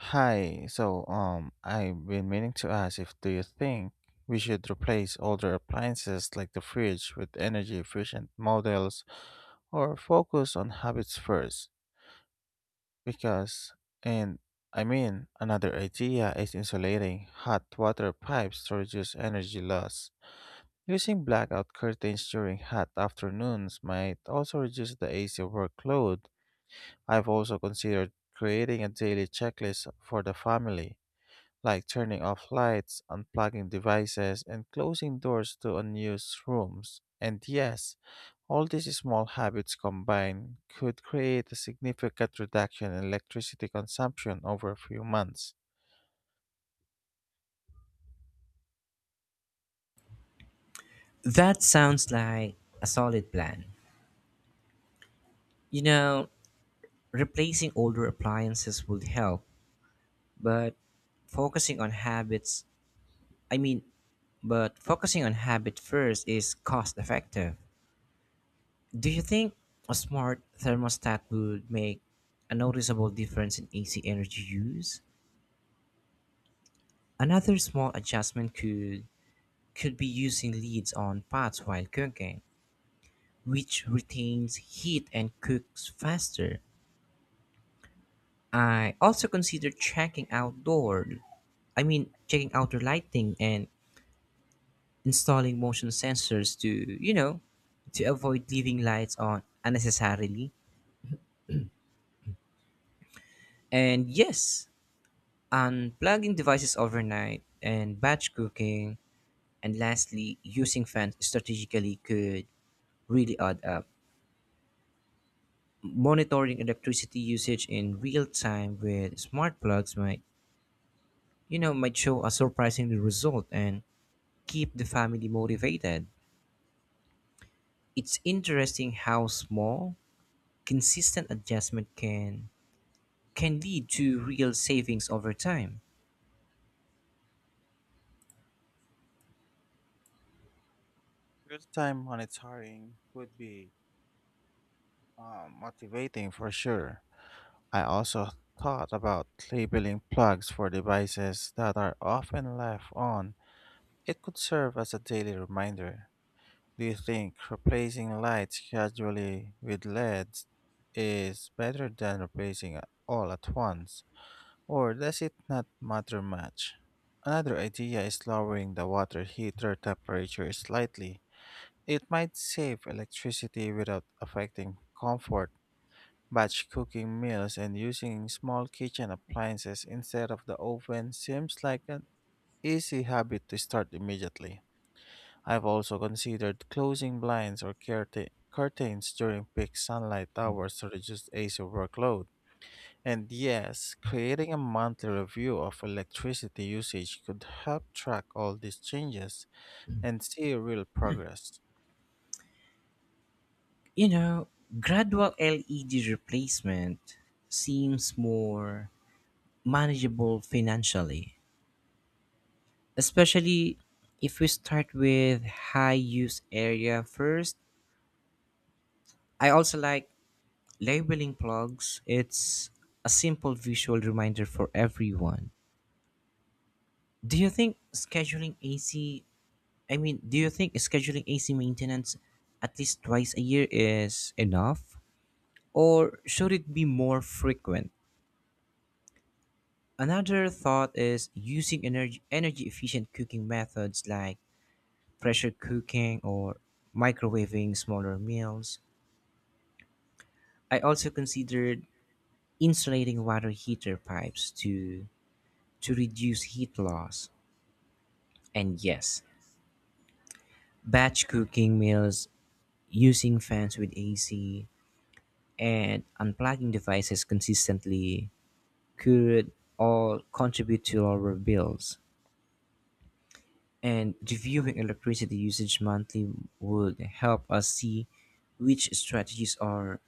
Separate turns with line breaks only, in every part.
Hi, so I've been meaning to ask if do you think we should replace older appliances like the fridge with energy efficient models or focus on habits first? Because, and, I mean, another idea is insulating hot water pipes to reduce energy loss. Using blackout curtains during hot afternoons might also reduce the AC workload. I've also considered creating a daily checklist for the family, like turning off lights, unplugging devices, and closing doors to unused rooms. And yes, all these small habits combined could create a significant reduction in electricity consumption over a few months.
That sounds like a solid plan. You know, replacing older appliances would help, but focusing on habits, I mean, but focusing on habit first is cost effective. Do you think a smart thermostat would make a noticeable difference in AC energy use? Another small adjustment could be using lids on pots while cooking, which retains heat and cooks faster. I also considered checking outdoor lighting and installing motion sensors to avoid leaving lights on unnecessarily. And yes, unplugging devices overnight and batch cooking. And lastly, using fans strategically could really add up. Monitoring electricity usage in real time with smart plugs might show a surprisingly result and keep the family motivated. It's interesting how small, consistent adjustment can lead to real savings over time.
Real time monitoring would be motivating for sure. I also thought about labeling plugs for devices that are often left on. It could serve as a daily reminder. Do you think replacing lights gradually with LEDs is better than replacing all at once, or does it not matter much? Another idea is lowering the water heater temperature slightly. It might save electricity without affecting comfort. Batch cooking meals and using small kitchen appliances instead of the oven seems like an easy habit to start immediately. I've also considered closing blinds or curtains during peak sunlight hours to reduce AC workload. And yes, creating a monthly review of electricity usage could help track all these changes and see real progress.
You know, gradual LED replacement seems more manageable financially, especially if we start with high use area first. I also like labeling plugs. It's a simple visual reminder for everyone. Do you think scheduling AC, I mean, do you think scheduling AC maintenance at least twice a year is enough? Or should it be more frequent? Another thought is using energy efficient cooking methods like pressure cooking or microwaving smaller meals. I also considered insulating water heater pipes to reduce heat loss. And yes, batch cooking meals using fans with AC and unplugging devices consistently could all contribute to lower bills. And reviewing electricity usage monthly would help us see which strategies are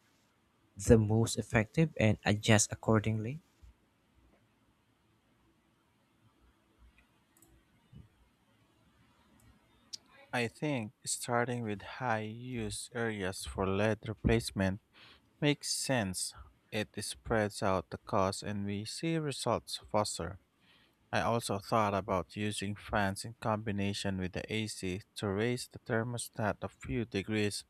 the most effective and adjust accordingly.
I think starting with high use areas for lead replacement makes sense. It spreads out the cost and we see results faster. I also thought about using fans in combination with the AC to raise the thermostat a few degrees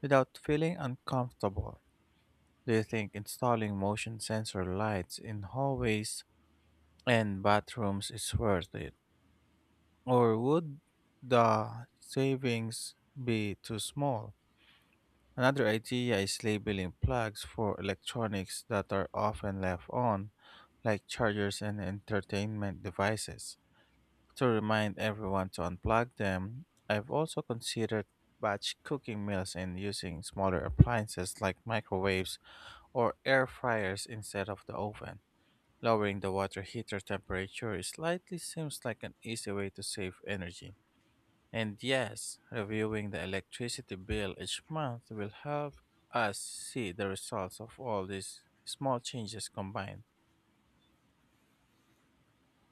without feeling uncomfortable. Do you think installing motion sensor lights in hallways and bathrooms is worth it? Or would the savings be too small? Another idea is labeling plugs for electronics that are often left on, like chargers and entertainment devices, to remind everyone to unplug them. I've also considered batch cooking meals and using smaller appliances like microwaves or air fryers instead of the oven. Lowering the water heater temperature slightly seems like an easy way to save energy. And yes, reviewing the electricity bill each month will help us see the results of all these small changes combined.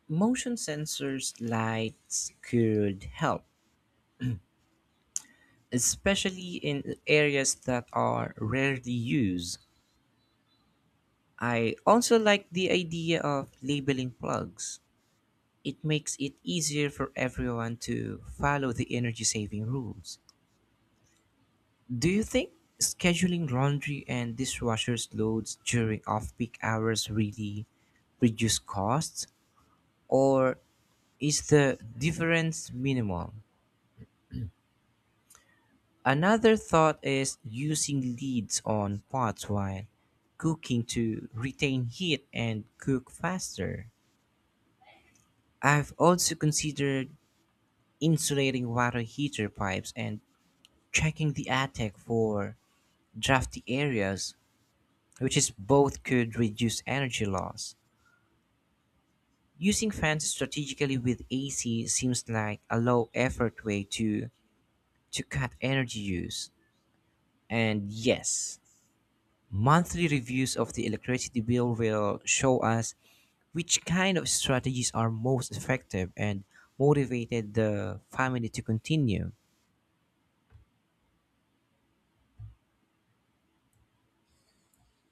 Motion sensors lights could help, especially in areas that are rarely used. I also like the idea of labeling plugs. It makes it easier for everyone to follow the energy saving rules. Do you think scheduling laundry and dishwashers loads during off-peak hours really reduce costs, or is the difference minimal? Another thought is using lids on pots while cooking to retain heat and cook faster. I've also considered insulating water heater pipes and checking the attic for drafty areas, which is both could reduce energy loss. Using fans strategically with AC seems like a low effort way to cut energy use. And yes, monthly reviews of the electricity bill will show us which kind of strategies are most effective and motivated the family to continue.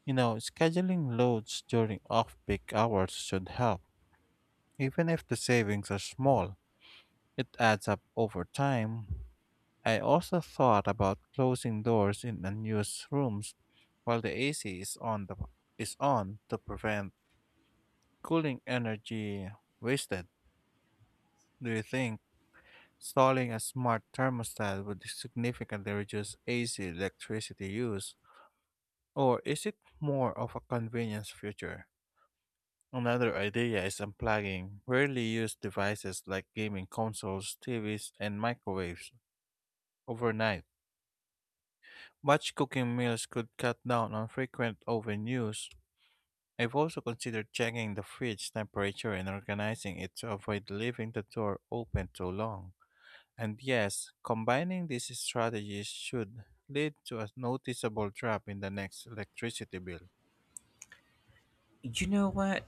You know, scheduling loads during off peak hours should help. Even if the savings are small, it adds up over time. I also thought about closing doors in unused rooms while the AC is on, to prevent cooling energy wasted. Do you think installing a smart thermostat would significantly reduce AC electricity use, or is it more of a convenience feature? Another idea is unplugging rarely used devices like gaming consoles, TVs, and microwaves overnight. Batch cooking meals could cut down on frequent oven use. I've also considered checking the fridge temperature and organizing it to avoid leaving the door open too long. And yes, combining these strategies should lead to a noticeable drop in the next electricity bill.
You know what?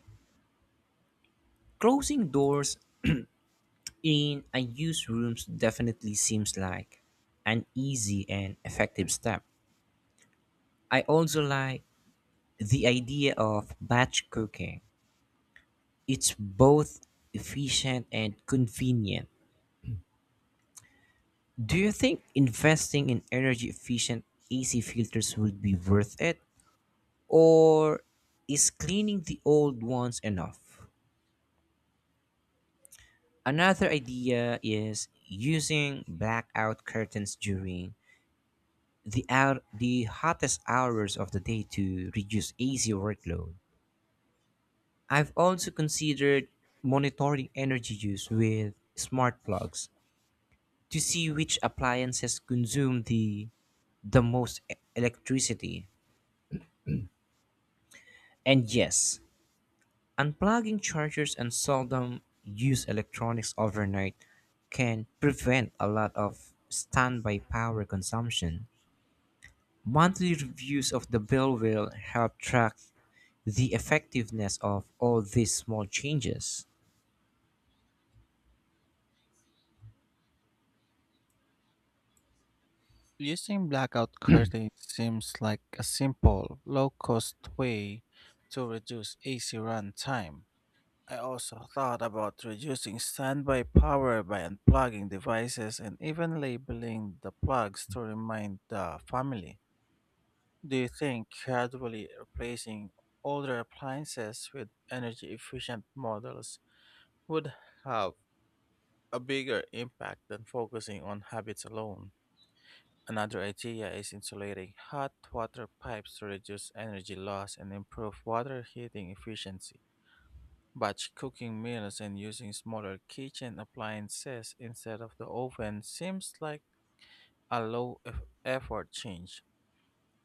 Closing doors in unused rooms definitely seems like an easy and effective step. I also like the idea of batch cooking. It's both efficient and convenient. Do you think investing in energy efficient AC filters would be worth it? Or is cleaning the old ones enough? Another idea is using blackout curtains during the hottest hours of the day to reduce AC workload. I've also considered monitoring energy use with smart plugs to see which appliances consume the most electricity. And yes, unplugging chargers and seldom use electronics overnight can prevent a lot of standby power consumption. Monthly reviews of the bill will help track the effectiveness of all these small changes.
Using blackout curtains seems like a simple, low cost way to reduce AC run time. I also thought about reducing standby power by unplugging devices and even labeling the plugs to remind the family. Do you think gradually replacing older appliances with energy efficient models would have a bigger impact than focusing on habits alone? Another idea is insulating hot water pipes to reduce energy loss and improve water heating efficiency. Batch cooking meals and using smaller kitchen appliances instead of the oven seems like a low effort change.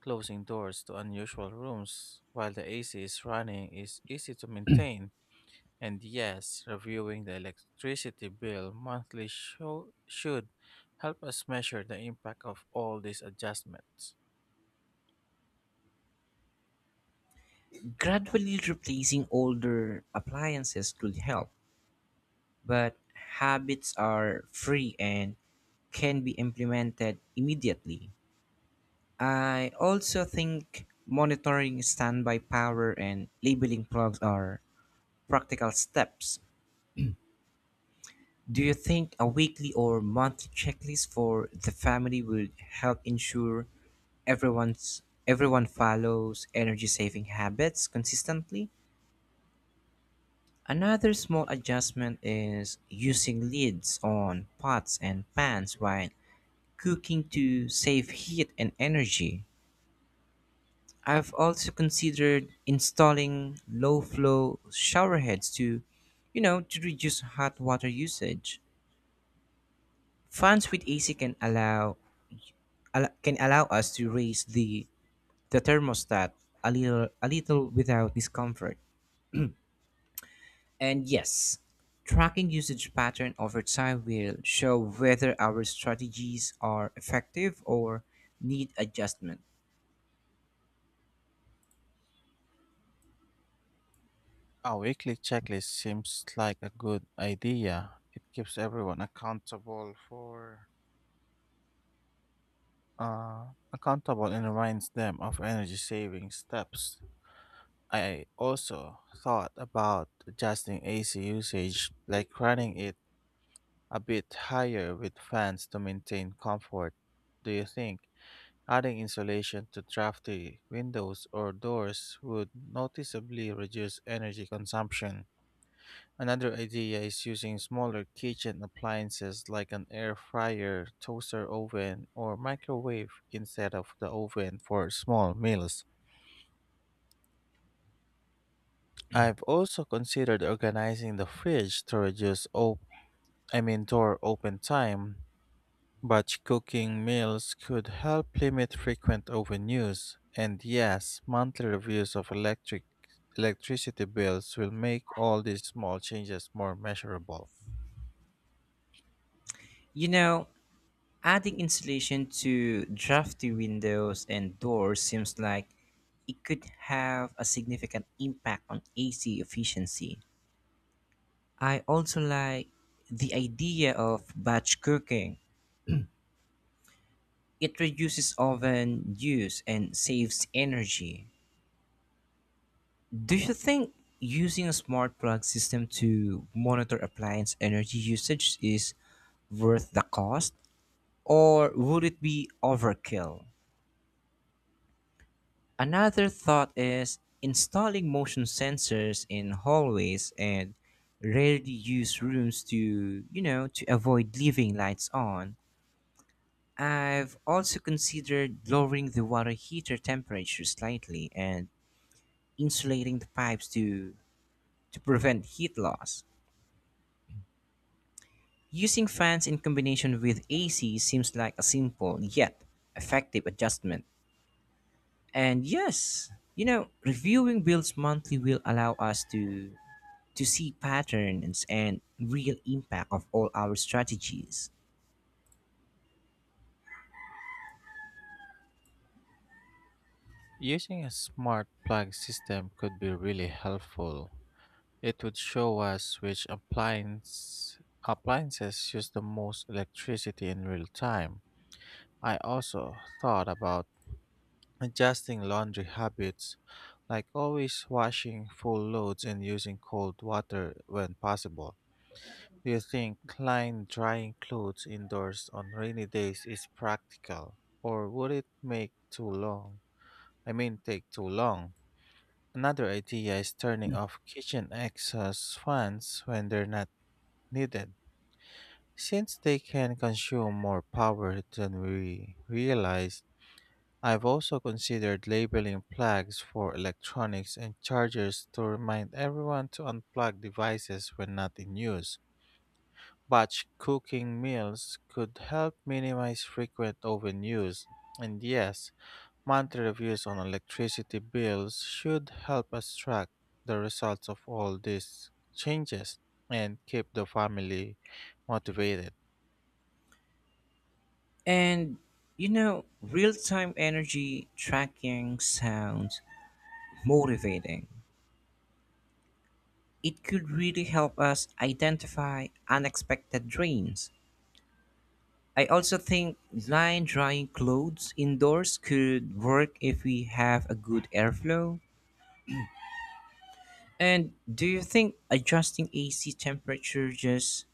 Closing doors to unusual rooms while the AC is running is easy to maintain. And yes, reviewing the electricity bill monthly show, should help us measure the impact of all these adjustments.
Gradually replacing older appliances could help, but habits are free and can be implemented immediately. I also think monitoring standby power and labeling plugs are practical steps. Do you think a weekly or monthly checklist for the family would help ensure everyone follows energy saving habits consistently? Another small adjustment is using lids on pots and pans while cooking to save heat and energy. I've also considered installing low flow showerheads to reduce hot water usage. Fans with AC can allow us to raise the thermostat a little without discomfort. And yes, tracking usage pattern over time will show whether our strategies are effective or need adjustment.
A weekly checklist seems like a good idea. It keeps everyone uh accountable and reminds them of energy saving steps. I also thought about adjusting AC usage, like running it a bit higher with fans to maintain comfort. Do you think adding insulation to drafty windows or doors would noticeably reduce energy consumption? Another idea is using smaller kitchen appliances like an air fryer, toaster oven, or microwave instead of the oven for small meals. I've also considered organizing the fridge to reduce I mean, door open time. Batch cooking meals could help limit frequent oven use. And yes, monthly reviews of electricity bills will make all these small changes more measurable.
You know, adding insulation to drafty windows and doors seems like it could have a significant impact on AC efficiency. I also like the idea of batch cooking. It reduces oven use and saves energy. Do you think using a smart plug system to monitor appliance energy usage is worth the cost, or would it be overkill? Another thought is installing motion sensors in hallways and rarely used rooms to avoid leaving lights on. I've also considered lowering the water heater temperature slightly and insulating the pipes to prevent heat loss. Using fans in combination with AC seems like a simple yet effective adjustment. And yes, you know, reviewing bills monthly will allow us to see patterns and real impact of all our strategies.
Using a smart plug system could be really helpful. It would show us which appliances use the most electricity in real time. I also thought about adjusting laundry habits, like always washing full loads and using cold water when possible. Do you think line drying clothes indoors on rainy days is practical, or would it make too long? I mean, take too long? Another idea is turning off kitchen exhaust fans when they're not needed, since they can consume more power than we realize. I've also considered labeling plugs for electronics and chargers to remind everyone to unplug devices when not in use. Batch cooking meals could help minimize frequent oven use. And yes, monthly reviews on electricity bills should help us track the results of all these changes and keep the family motivated.
And you know, real-time energy tracking sounds motivating. It could really help us identify unexpected drains. I also think line drying clothes indoors could work if we have a good airflow. And do you think adjusting AC temperature just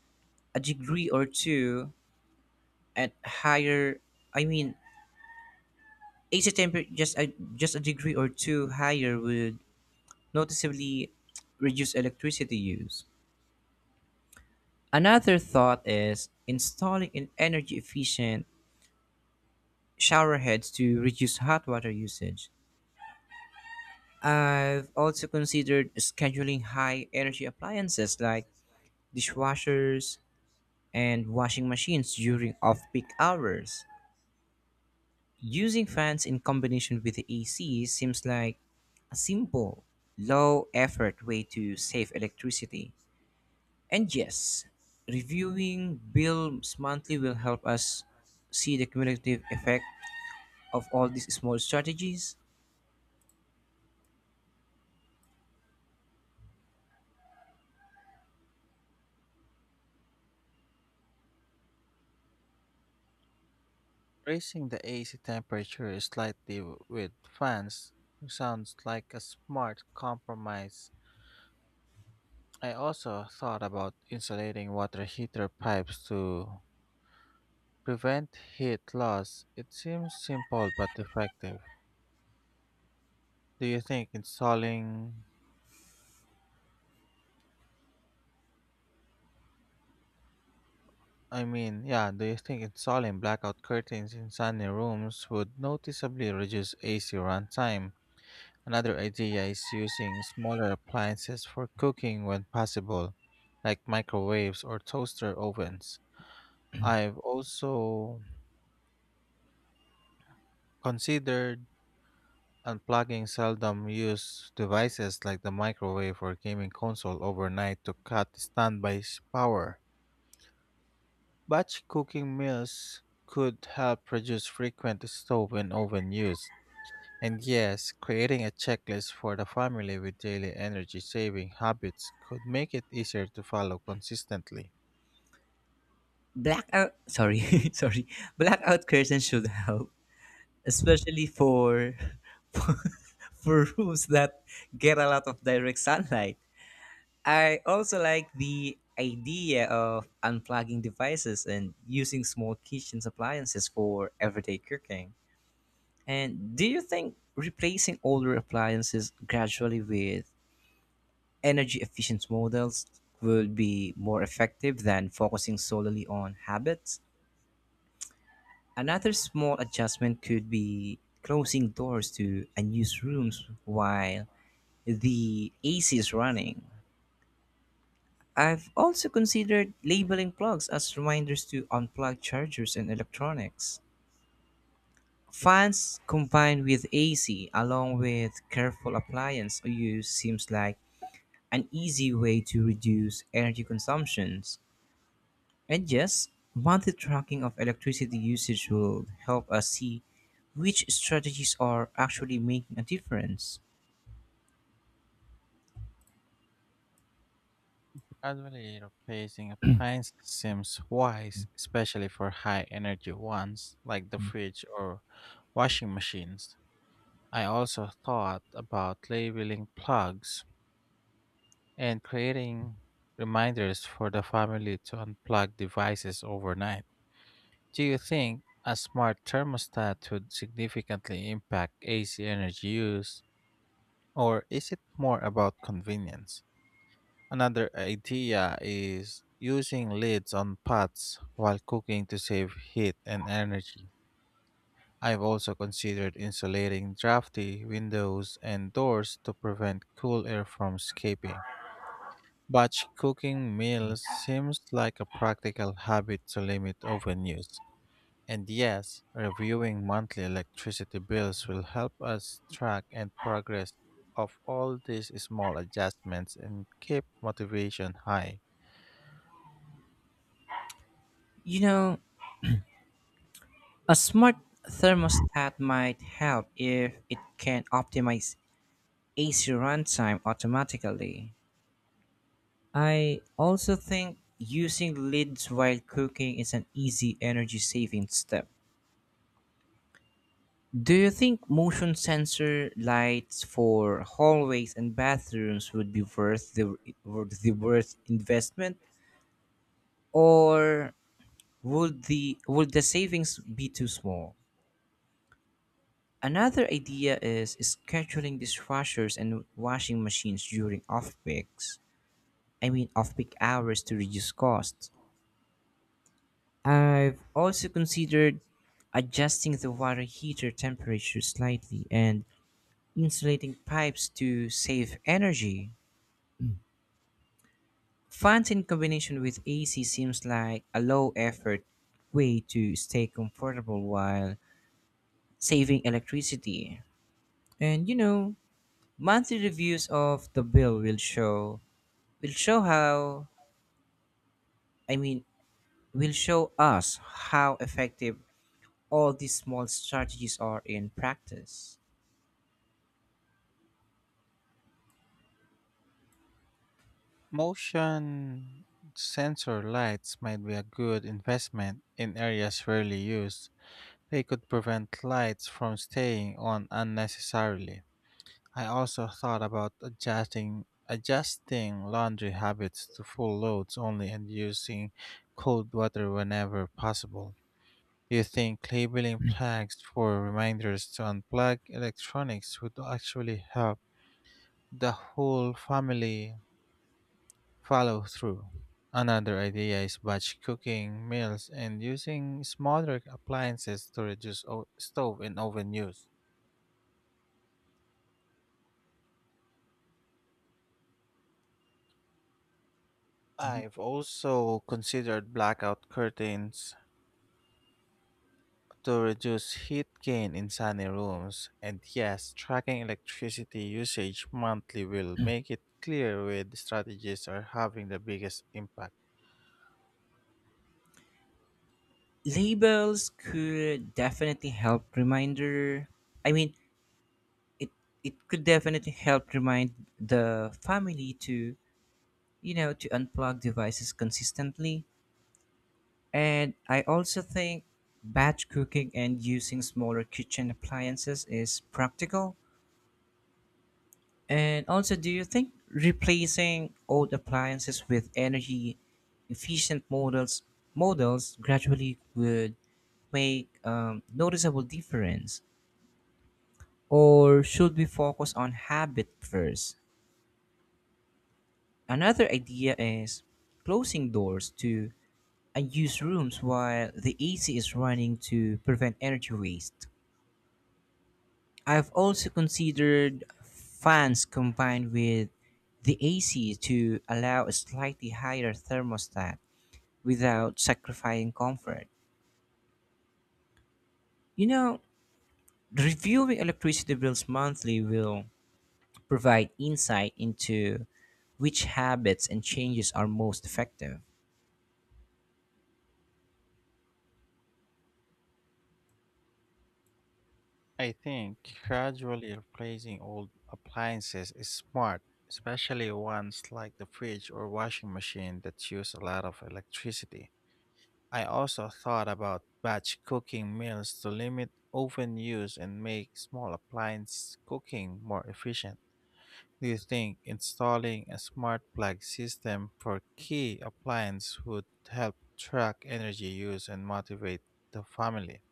a degree or two at higher, I mean, AC temper, just a degree or two higher would noticeably reduce electricity use. Another thought is installing an energy efficient shower heads to reduce hot water usage. I've also considered scheduling high energy appliances like dishwashers and washing machines during off peak hours. Using fans in combination with the AC seems like a simple, low effort way to save electricity. And yes, reviewing bills monthly will help us see the cumulative effect of all these small strategies.
Raising the AC temperature slightly with fans sounds like a smart compromise. I also thought about insulating water heater pipes to prevent heat loss. It seems simple but effective. Do you think installing I mean, yeah, do you think installing blackout curtains in sunny rooms would noticeably reduce AC runtime? Another idea is using smaller appliances for cooking when possible, like microwaves or toaster ovens. I've also considered unplugging seldom used devices like the microwave or gaming console overnight to cut standby power. Batch cooking meals could help reduce frequent stove and oven use. And yes, creating a checklist for the family with daily energy saving habits could make it easier to follow consistently.
Blackout, sorry, sorry, blackout curtains should help, especially for, for for rooms that get a lot of direct sunlight. I also like the idea of unplugging devices and using small kitchen appliances for everyday cooking. And do you think replacing older appliances gradually with energy efficient models will be more effective than focusing solely on habits? Another small adjustment could be closing doors to unused rooms while the AC is running. I've also considered labeling plugs as reminders to unplug chargers and electronics. Fans combined with AC along with careful appliance use seems like an easy way to reduce energy consumptions. And yes, monthly tracking of electricity usage will help us see which strategies are actually making a difference.
Gradually replacing appliances seems wise, especially for high energy ones like the fridge or washing machines. I also thought about labeling plugs and creating reminders for the family to unplug devices overnight. Do you think a smart thermostat would significantly impact AC energy use, or is it more about convenience? Another idea is using lids on pots while cooking to save heat and energy. I've also considered insulating drafty windows and doors to prevent cool air from escaping. Batch cooking meals seems like a practical habit to limit oven use. And yes, reviewing monthly electricity bills will help us track and progress of all these small adjustments and keep motivation high.
You know, a smart thermostat might help if it can optimize AC runtime automatically. I also think using lids while cooking is an easy energy saving step. Do you think motion sensor lights for hallways and bathrooms would be worth the worth the worth investment, or would the savings be too small? Another idea is scheduling dishwashers and washing machines during off peaks, I mean, off peak hours to reduce costs. I've also considered adjusting the water heater temperature slightly and insulating pipes to save energy. Fans in combination with AC seems like a low effort way to stay comfortable while saving electricity. And you know, monthly reviews of the bill will show will show how, I mean, will show us how effective all these small strategies are in practice.
Motion sensor lights might be a good investment in areas rarely used. They could prevent lights from staying on unnecessarily. I also thought about adjusting laundry habits to full loads only and using cold water whenever possible. Do you think labeling flags for reminders to unplug electronics would actually help the whole family follow through? Another idea is batch cooking meals and using smaller appliances to reduce stove and oven use.
Mhm.
I've also considered blackout curtains to reduce heat gain in sunny rooms, and yes, tracking electricity usage monthly will make it clear where the strategies are having the biggest impact.
Labels could definitely help reminder, I mean, it it could definitely help remind the family to unplug devices consistently. And I also think batch cooking and using smaller kitchen appliances is practical. And also, do you think replacing old appliances with energy efficient models gradually would make noticeable difference, or should we focus on habit first? Another idea is closing doors to and use rooms while the AC is running to prevent energy waste. I've also considered fans combined with the AC to allow a slightly higher thermostat without sacrificing comfort. You know, reviewing electricity bills monthly will provide insight into which habits and changes are most effective.
I think gradually replacing old appliances is smart, especially ones like the fridge or washing machine that use a lot of electricity. I also thought about batch cooking meals to limit oven use and make small appliance cooking more efficient. Do you think installing a smart plug system for key appliances would help track energy use and motivate the family?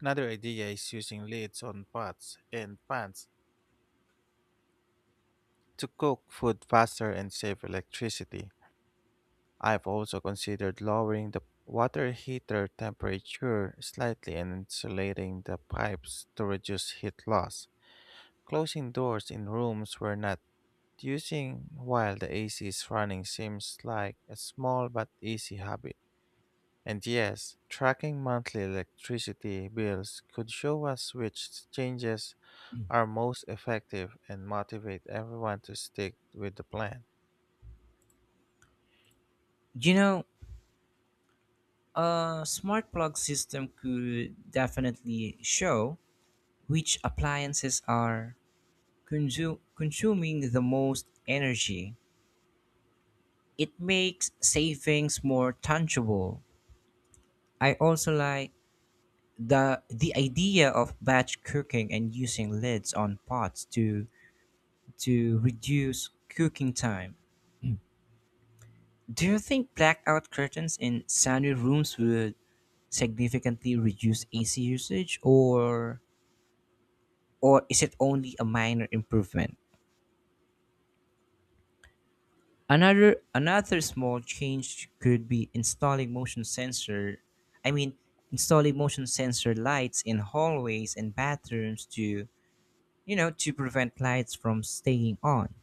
Another idea is using lids on pots and pans to cook food faster and save electricity. I've also considered lowering the water heater temperature slightly and insulating the pipes to reduce heat loss. Closing doors in rooms where not Using while the AC is running seems like a small but easy habit. And yes, tracking monthly electricity bills could show us which changes are most effective and motivate everyone to stick with the plan.
You know, a smart plug system could definitely show which appliances are consuming the most energy. It makes savings more tangible. I also like the idea of batch cooking and using lids on pots to reduce cooking time. Do you think blackout curtains in sunny rooms would significantly reduce AC usage, or is it only a minor improvement? Another small change could be installing motion sensor, I mean, installing motion sensor lights in hallways and bathrooms to you know to prevent lights from staying on.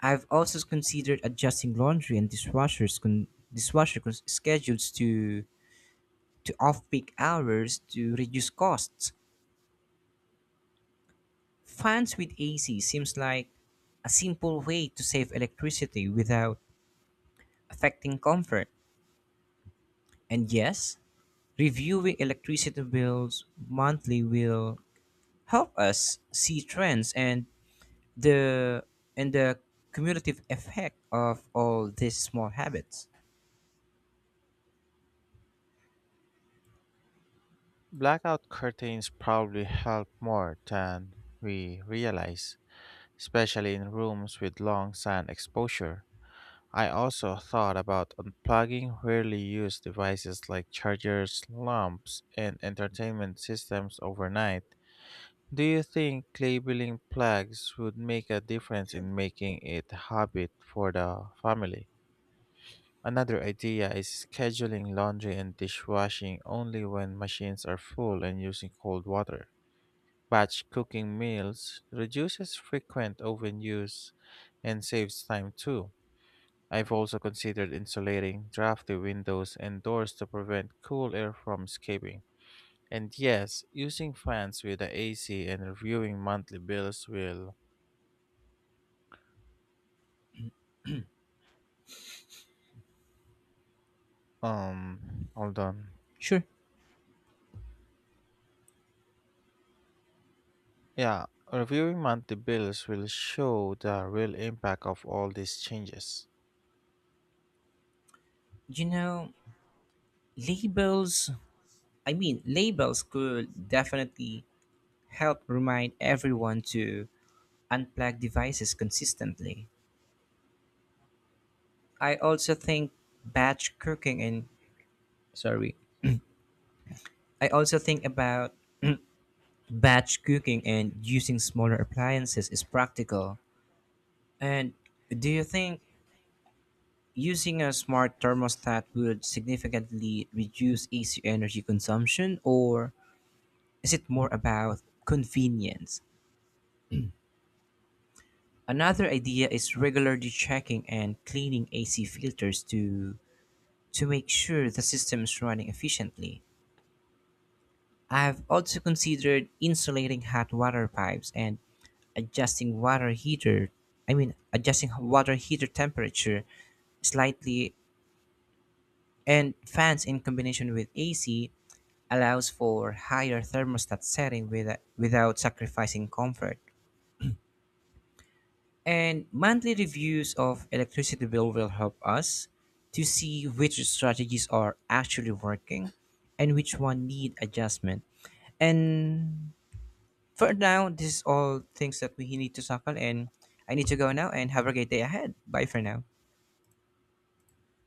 I've also considered adjusting laundry and dishwasher schedules to off-peak hours to reduce costs. Fans with AC seems like a simple way to save electricity without affecting comfort. And yes, reviewing electricity bills monthly will help us see trends and the the cumulative effect of all these small habits.
Blackout curtains probably help more than we realize, especially in rooms with long sun exposure. I also thought about unplugging rarely used devices like chargers, lamps, and entertainment systems overnight. Do you think labeling plugs would make a difference in making it a habit for the family? Another idea is scheduling laundry and dishwashing only when machines are full and using cold water. Batch cooking meals reduces frequent oven use and saves time too. I've also considered insulating drafty windows and doors to prevent cool air from escaping. And yes, using fans with the AC and reviewing monthly bills will hold on.
Sure.
Yeah, reviewing monthly bills will show the real impact of all these changes.
You know, labels, I mean, labels could definitely help remind everyone to unplug devices consistently. I also think batch cooking and, sorry, I also think about batch cooking and using smaller appliances is practical. And do you think using a smart thermostat would significantly reduce AC energy consumption, or is it more about convenience? Another idea is regularly checking and cleaning AC filters to make sure the system is running efficiently. I've also considered insulating hot water pipes and adjusting water heater, I mean, adjusting water heater temperature slightly, and fans in combination with AC allows for higher thermostat setting without sacrificing comfort. And monthly reviews of electricity bill will help us to see which strategies are actually working and which one need adjustment. And for now, this is all things that we need to tackle and I need to go now and have a great day ahead. Bye for now.